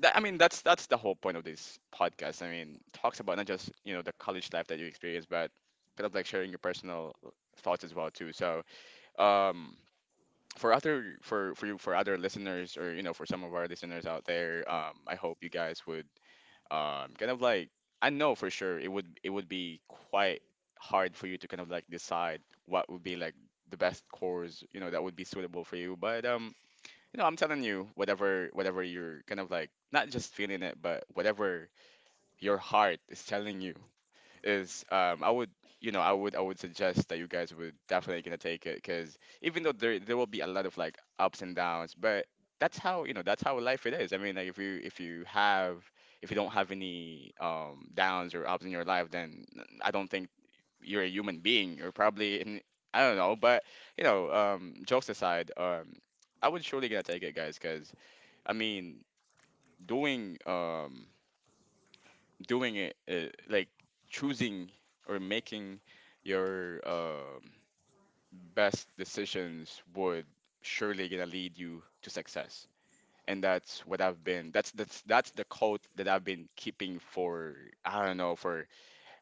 S3: that, I mean, that's that's the whole point of this podcast. I mean, talks about not just you know the college life that you experience, but kind of like sharing your personal thoughts as well too. So, um, for other for for you for other listeners, or you know for some of our listeners out there, um, I hope you guys would um kind of like, I know for sure it would it would be quite hard for you to kind of like decide what would be like the best course you know that would be suitable for you. But um you know, I'm telling you, whatever whatever you're kind of like not just feeling it, but whatever your heart is telling you is um I would you know, I would I would suggest that you guys would definitely gonna take it. Because even though there there will be a lot of like ups and downs, but that's how you know that's how life it is. I mean like if you if you have if you don't have any um downs or ups in your life, then I don't think you're a human being. You're probably in, I don't know. But you know, um jokes aside, um I would surely gonna take it, guys, cause. I mean, doing um doing it uh, like choosing or making your um best decisions would surely gonna lead you to success. And that's what I've been. That's that's that's the code that I've been keeping for, I don't know, for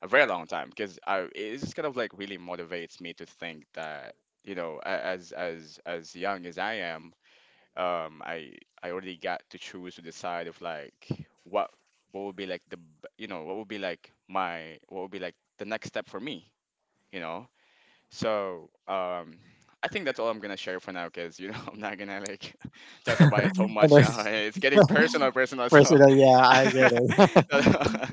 S3: a very long time. Because I, it's kind of like really motivates me to think that you know a- as as as young as I am, um I I already got to choose to decide of like what what would be like the b- you know what would be like my, what would be like the next step for me, you know. So um I think that's all I'm gonna share for now, because you know *laughs* I'm not gonna like *laughs* talk about it
S1: *laughs*
S3: so
S1: And
S3: much
S1: then— *laughs*
S3: now. *laughs* It's getting personal personal.
S1: First
S3: So
S1: of all, yeah,
S3: *laughs*
S1: I get it.
S3: so, *laughs*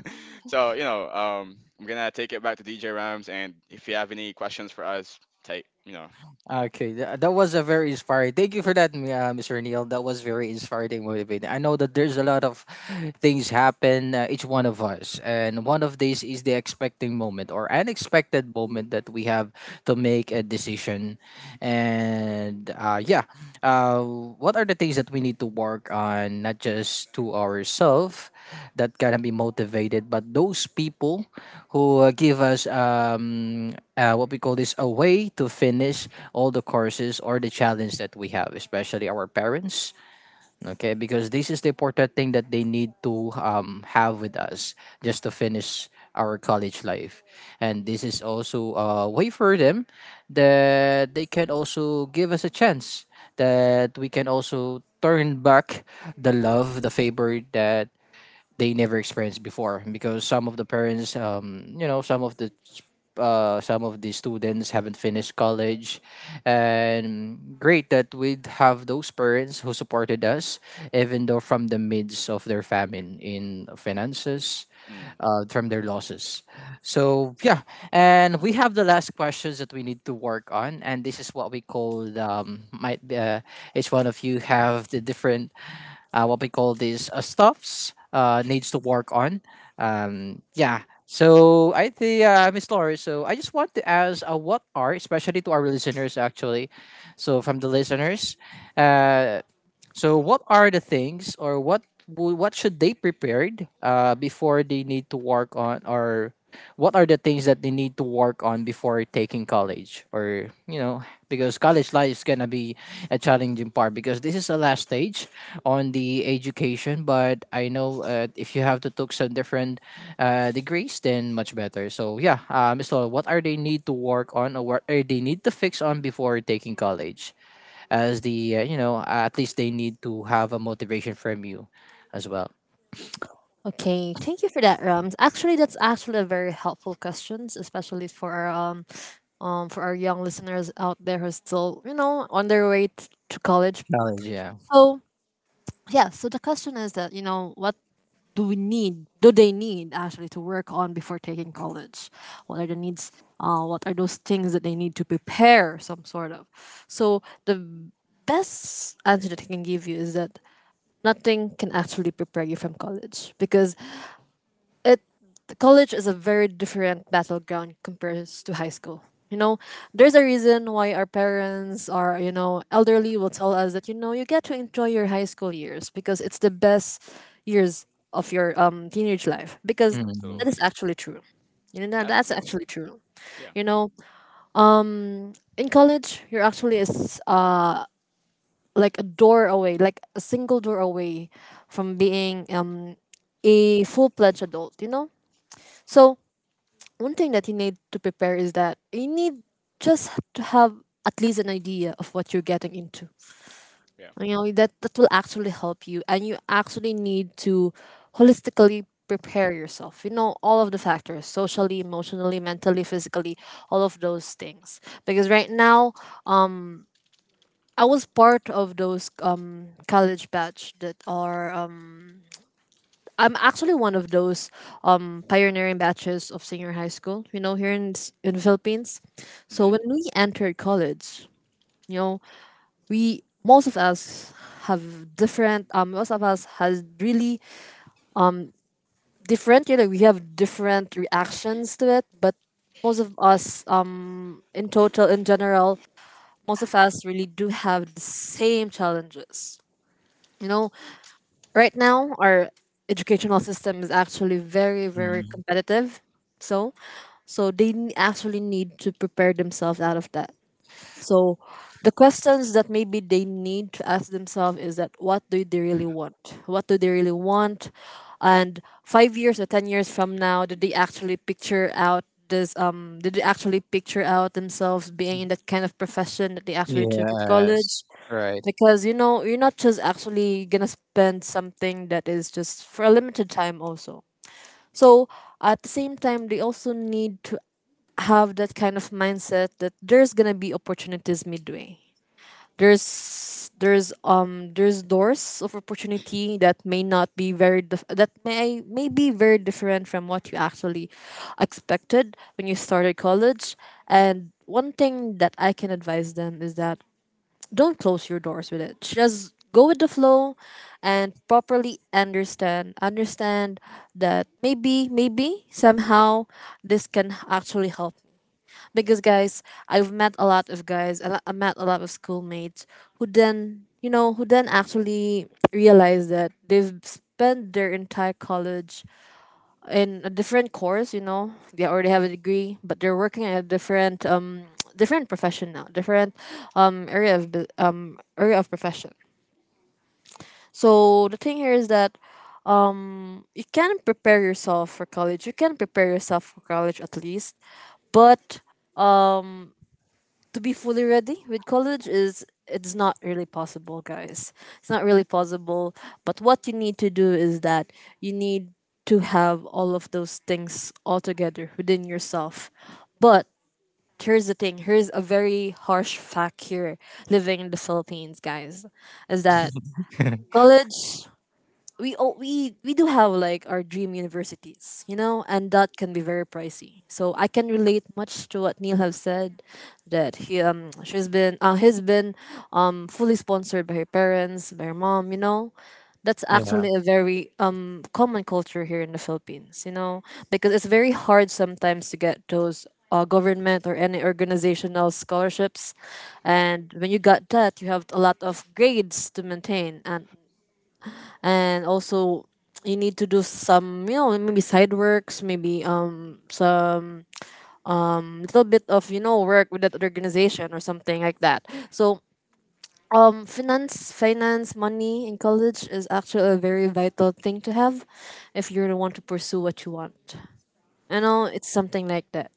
S3: so, you know um I'm gonna take it back to D J Rams, and if you have any questions for us, take you know.
S1: Okay, tha- that was a very inspiring. Thank you for that, Mi- uh, mister Neil. That was very inspiring, motivating. I know that there's a lot of *sighs* things happen uh, each one of us, and one of these is the expecting moment or unexpected moment that we have to make a decision. And uh, yeah, uh, what are the things that we need to work on, not just to ourselves, that can be motivated, but those people who uh, give us um, uh, what we call this a way to finish all the courses or the challenge that we have, especially our parents. Okay, because this is the important thing that they need to um, have with us just to finish our college life. And this is also a way for them that they can also give us a chance that we can also turn back the love, the favor that they never experienced before, because some of the parents um, you know, some of the uh, some of the students haven't finished college. And great that we'd have those parents who supported us, even though from the midst of their famine in finances,
S3: Mm,
S1: uh, from their losses. So yeah, and we have the last questions that we need to work on, and this is what we call um, might be, uh, each one of you have the different uh, what we call these uh, stuffs uh, needs to work on. Um, yeah. So I think uh, Miss Laura. So I just want to ask, uh, what are, especially to our listeners actually, so from the listeners, uh, so, what are the things, or what wo- what should they prepared uh, before they need to work on, or what are the things that they need to work on before taking college, or you know, because college life is gonna be a challenging part because this is the last stage on the education. But I know uh, if you have to took some different uh, degrees, then much better. So yeah, uh, Miss Lola, what are they need to work on, or what are they need to fix on before taking college? As the uh, you know, at least they need to have a motivation from you as well.
S2: Okay, thank you for that, Rams. Actually, that's actually a very helpful questions, especially for our um um for our young listeners out there who's still, you know on their way t- to college.
S1: Challenge, yeah.
S2: So, yeah, so the question is that, you know, what do we need do they need actually to work on before taking college. What are the needs, uh, what are those things that they need to prepare some sort of. So the best answer that I can give you is that nothing can actually prepare you from college, because it college is a very different battleground compared to high school. You know, there's a reason why our parents or, you know, elderly will tell us that, you know, you get to enjoy your high school years because it's the best years of your um teenage life, because
S1: Mhm.
S2: that is
S3: absolutely,
S2: actually true. You know that that's
S3: absolutely.
S2: actually true.
S3: Yeah,
S2: You know, um, in college you're actually is uh like a door away, like a single door away from being um a full fledged adult. You know, so one thing that you need to prepare is that you need just to have at least an idea of what you're getting into.
S3: yeah.
S2: You know that that will actually help you, and you actually need to holistically prepare yourself. You know all of the factors: socially, emotionally, mentally, physically, all of those things. Because right now, I was part of those um college batch that are um I'm actually one of those um, pioneering batches of senior high school, you know, here in s- in Philippines. So
S3: Hmm.
S2: when we entered college, you know, we most of us have different. Um, most of us has really different. You know, we have different reactions to it, but most of us, um, in total, in general, most of us really do have the same challenges. You know, right now, our educational system is actually very, very
S1: Mhm.
S2: competitive. So, so they n- actually need to prepare themselves out of that. So, the questions that maybe they need to ask themselves is that, what do they really want? What do they really want? And five years or ten years from now, did they actually picture out this? Um, did they actually picture out themselves being in that kind of profession that they actually took in college?
S1: Yes, right.
S2: Because, you know, you're not just actually gonna spend something that is just for a limited time also, so at the same time they also need to have that kind of mindset that there's gonna be opportunities midway. There's there's um there's doors of opportunity that may not be very dif- that may may be very different from what you actually expected when you started college. And one thing that I can advise them is that, don't close your doors with it. Just go with the flow and properly understand understand that maybe maybe somehow this can actually help me. Because guys, I've met a lot of guys, a lot- I met a lot of schoolmates who then, you know, who then actually realize that they've spent their entire college in a different course. You know, they already have a degree, but they're working in a different um *tsk* different profession now, different um area of bu- um area of profession. So the thing here is that, um you can prepare yourself for college. You can prepare yourself for college at least, but to be fully ready with college is it's not really possible, guys. It's not really possible. But what you need to do is that you need to have all of those things all together within yourself. But here's the thing, here's a very harsh fact here, living in the Philippines, guys, is that college, we all, we we do have like our dream universities, you know, and that can be very pricey. So I can relate much to what Neil have said, that he um she's been uh, he's been um fully sponsored by her parents, by her mom, you know. That's
S1: Yeah.
S2: actually a very um common culture here in the Philippines, you know, because it's very hard sometimes to get those uh, government or any organizational scholarships, and when you got that, you have a lot of grades to maintain, and and also you need to do some, you know, maybe side works, maybe um some little bit of, you know, work with that organization or something like that. So, um finance finance money in college is actually a very vital thing to have if you really want to pursue what you want, you know. It's something like that.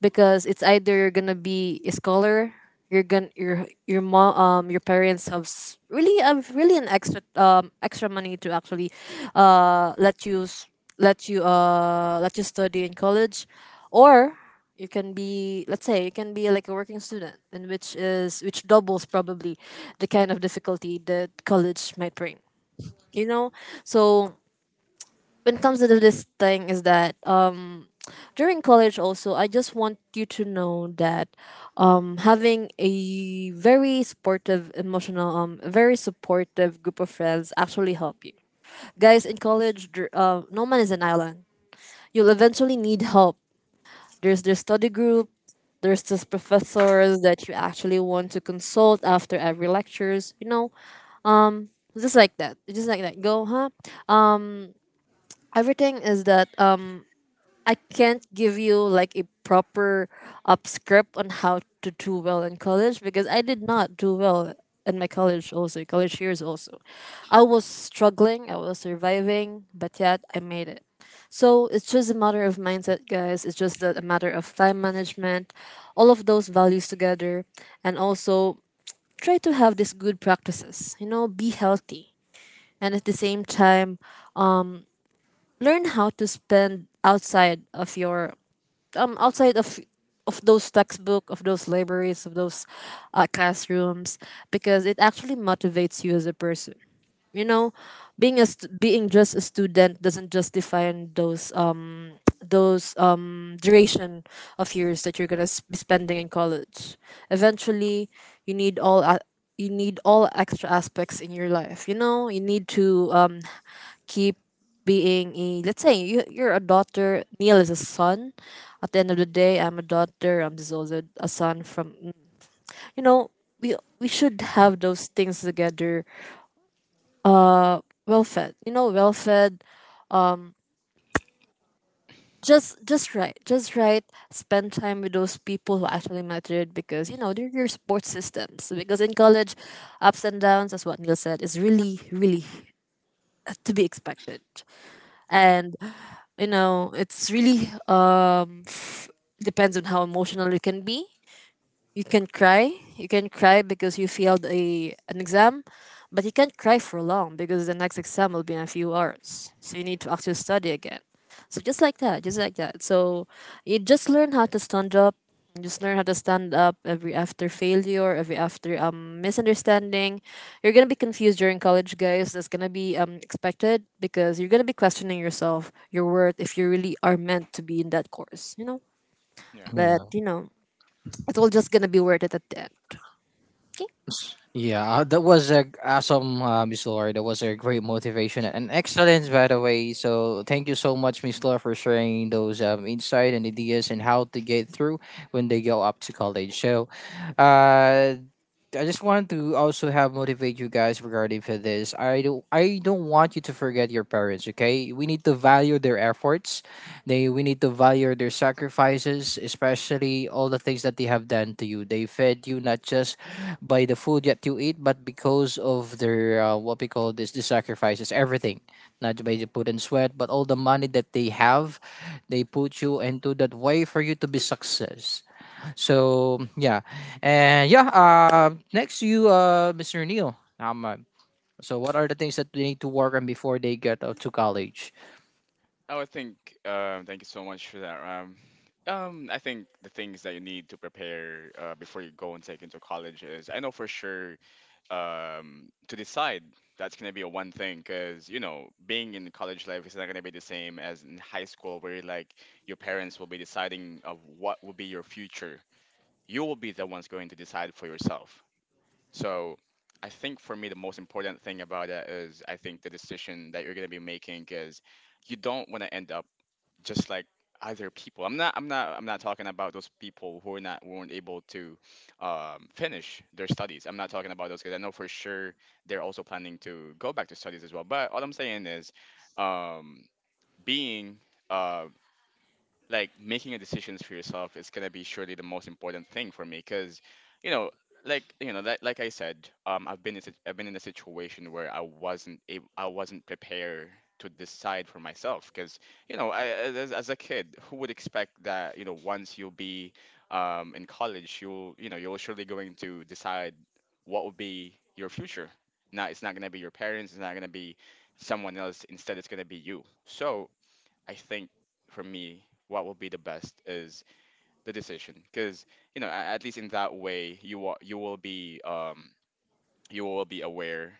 S2: Because it's either you're gonna be a scholar, you're gonna your your mom um your parents have s- really have really an extra um extra money to actually uh let you s- let you uh let you study in college, or you can be let's say you can be like a working student, and which is which doubles probably the kind of difficulty that college might bring. You know, so when it comes to this thing is that, um during college also, I just want you to know that, um having a very supportive emotional um a very supportive group of friends actually help you. Guys, in college, dr- uh, no man is an island. You'll eventually need help. There's their study group, there's this professors that you actually want to consult after every lectures, you know. Just like that. Just like that. Go, huh? Everything is that, um, I can't give you like a proper up script on how to do well in college because I did not do well in my college also college years also. I was struggling, I was surviving, but yet I made it. So it's just a matter of mindset, guys. It's just a a matter of time management, all of those values together, and also try to have these good practices. You know, be healthy, and at the same time, learn how to spend outside of your um outside of of those textbook, of those libraries, of those uh, classrooms, because it actually motivates you as a person. You know, being a st- being just a student doesn't just define those um those um duration of years that you're gonna s- be spending in college. Eventually, you need all a- you need all extra aspects in your life, you know. You need to um keep being— a let's say you you're a daughter, Neil is a son. At the end of the day, I'm a daughter, I'm just also a son from, you know— we we should have those things together, uh well fed, you know, well fed, just— just right, just right— spend time with those people who actually mattered, because, you know, they're your support systems, because in college ups and downs, as what Neil said, is really, really to be expected.
S3: Yeah.
S2: And, you know, it's really um f- depends on how emotional you can be. You can cry you can cry because you failed a an exam, but you can't cry for long because the next exam will be in a few hours, so you need to actually study again. So just like that, just like that. So you just learn how to stand up. You just learn how to stand up every after failure, every after um misunderstanding. You're gonna be confused during college, guys. That's gonna be um expected, because you're gonna be questioning yourself, your worth, if you really are meant to be in that course, you know.
S3: Yeah.
S2: But,
S1: Mhm.
S2: you know, it's all just gonna be worth it at the end. Okay.
S1: Yeah, uh, that was a awesome uh, Miss Laura. That was a great motivation and excellence, by the way. So thank you so much, Miss Laura, for sharing those um, insight and ideas and how to get through when they go up to college. So uh, I just want to also have motivate you guys regarding for this. I don't I don't want you to forget your parents, okay? We need to value their efforts. They, we need to value their sacrifices, especially all the things that they have done to you. They fed you not just by the food that you eat, but because of their uh, what we call this the sacrifices, everything. Not by the put and sweat, but all the money that they have, they put you into that way for you to be success. So yeah, and yeah. Uh, next to you, uh, mister Neil. Um, uh, so what are the things that they need to work on before they get out to college?
S3: Oh, I think. Um, thank you so much for that. Um, um, I think the things that you need to prepare uh, before you go and take into college is, I know for sure, um, to decide. That's gonna be a one thing, because you know being in college life is not gonna be the same as in high school, where like your parents will be deciding of what will be your future. You will be the ones going to decide for yourself. So I think for me, the most important thing about that is, I think the decision that you're going to be making is, you don't want to end up just like other people. I'm not, I'm not, I'm not talking about those people who are not, who weren't able to um, finish their studies. I'm not talking about those, because I know for sure they're also planning to go back to studies as well. But all I'm saying is um, being, uh, like making a decisions for yourself is gonna be surely the most important thing for me because you know like you know like, like I said, um I've been in, sit- I've been in a situation where i wasn't able I wasn't prepared to decide for myself because you know, I, as, as a kid who would expect that, you know, once you'll be um in college you'll, you know, you're surely going to decide what will be your future. Now it's not going to be your parents, it's not going to be someone else, instead it's going to be you. So I think for me, what will be the best is the decision, because you know, a- at least in that way, you will you will be um you will be aware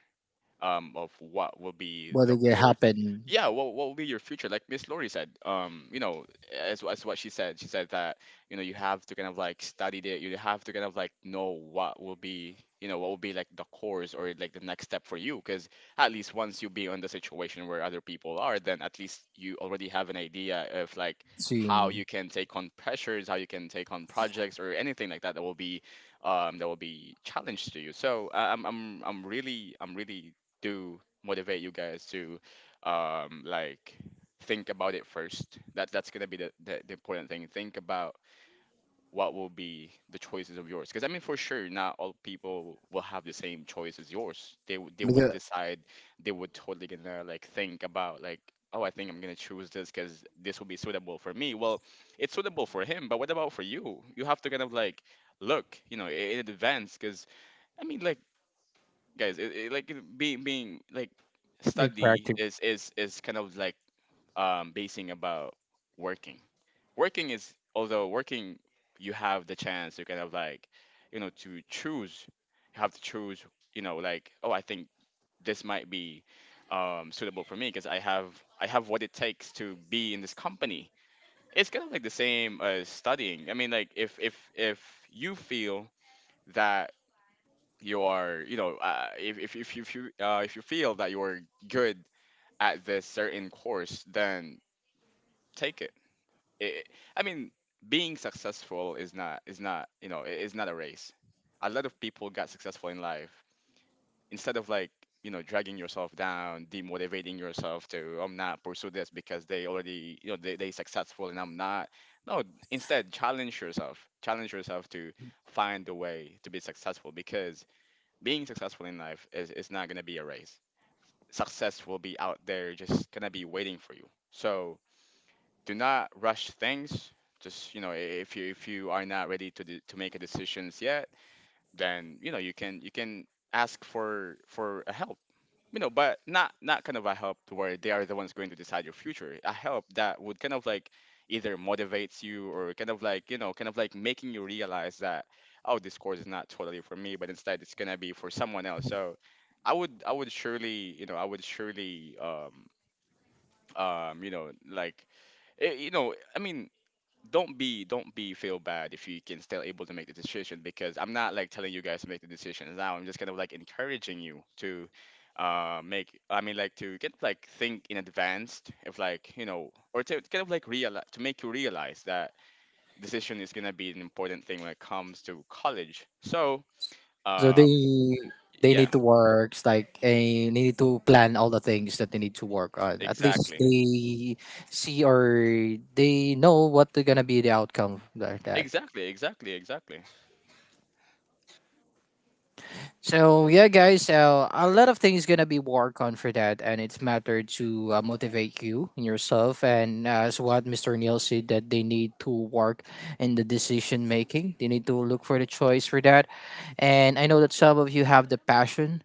S3: um of what will be
S1: What
S3: the
S1: did it
S3: course.
S1: happen
S3: Yeah, what, what will be your future. Like miss Laurie said, um you know, as, as what she said, she said that, you know, you have to kind of like study it, you have to kind of like know what will be, you know, what will be like the course or like the next step for you, because at least once you be on the situation where other people are, then at least you already have an idea of like
S1: to
S3: how
S1: you?
S3: you can take on pressures, how you can take on projects or anything like that that will be um, that will be challenged to you. So uh, I'm, I'm I'm really, I'm really to motivate you guys to um like think about it first. That that's gonna be the, the, the important thing. Think about what will be the choices of yours, because I mean, for sure not all people will have the same choice as yours. They, would they would
S1: Because,
S3: decide, they would totally gonna like think about like, oh, I think I'm gonna choose this because this will be suitable for me. Well, it's suitable for him, but what about for you? You have to kind of like look, you know, i- in advance, because I mean like, guys, it, it, like it- being being like, study is is is kind of like um basing about working. Working is, although working, you have the chance to kind of like, you know, to choose. You have to choose. You know like, oh, I think this might be um suitable for me because I have, I have what it takes to be in this company. It's kind of like the same as studying. I mean like, if if if you feel that you are, you know, uh, if, if, if you, if you uh, if you feel that you are good at this certain course, then take it. It, I mean, being successful is not, is not, you know, i- is not a race. A lot of people got successful in life. Instead of like, you know, dragging yourself down, demotivating yourself to, I'm not pursue this because they already, you know, they, they successful and I'm not. No, instead challenge yourself, challenge yourself to find a way to be successful, because being successful in life is, is not going to be a race. Success will be out there, just going to be waiting for you. So do not rush things. Just you know, i- if you, if you are not ready to do, to make a decisions yet, then you know you can, you can ask for, for a help, you know, but not, not kind of a help to where they are the ones going to decide your future. A help that would kind of like either motivates you or kind of like, you know, kind of like making you realize that, oh, this course is not totally for me, but instead it's gonna be for someone else. So I would I would surely, you know, I would surely um um you know like, eh, you know, I mean, don't be don't be feel bad if you can still able to make the decision, because I'm not like telling you guys to make the decision now. I'm just kind of like encouraging you to uh make I mean like to get like think in advance if like, you know, or to kind of like realize to make you realize that decision is gonna be an important thing when it comes to college. So
S1: so they
S3: um
S1: they
S3: yeah,
S1: need to work like, and they need to plan all the things that they need to work on. At least
S3: exactly.
S1: they see or they know what they're gonna be the outcome like that.
S3: Exactly, exactly, exactly.
S1: So yeah, guys. So a lot of things gonna be work on for that, and it's matter to uh, motivate you and yourself, and uh, as what mister Neil said, that they need to work in the decision making. They need to look for the choice for that, and I know that some of you have the passion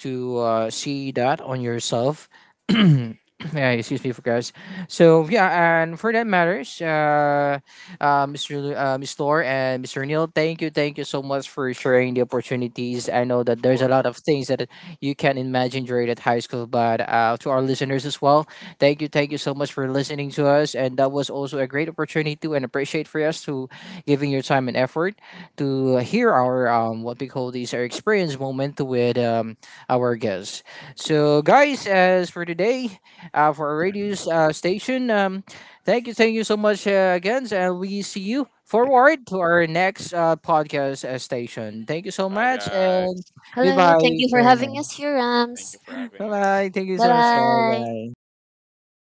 S1: to uh, see that on yourself. *clears throat* Yeah, excuse me for guys. So yeah, and for that matters, uh, uh, mister Lu- uh, miss Lore and mister Neil, thank you, thank you so much for sharing the opportunities. I know that
S3: Of
S1: there's a lot
S3: course.
S1: of things that you can imagine during at high school, but uh, to our listeners as well, thank you, thank you so much for listening to us. And that was also a great opportunity to and appreciate for us to giving your time and effort to hear our um, what we call these our experience moment with um, our guest. So, guys, as for today, uh, for our radio uh, station, um, thank you, thank you so much uh, again, and we see you forward to our next uh, podcast uh, station. Thank you so
S3: Bye
S1: much,
S3: guys.
S1: and
S2: Hello. Thank
S1: goodbye,
S2: you for
S1: for now.
S2: having us here,
S3: Thank you
S2: Rams.
S3: for having
S1: Bye
S3: us.
S1: bye. Thank you
S3: Bye
S2: Bye
S1: so much,
S3: bye.
S1: bye
S2: bye.
S1: bye.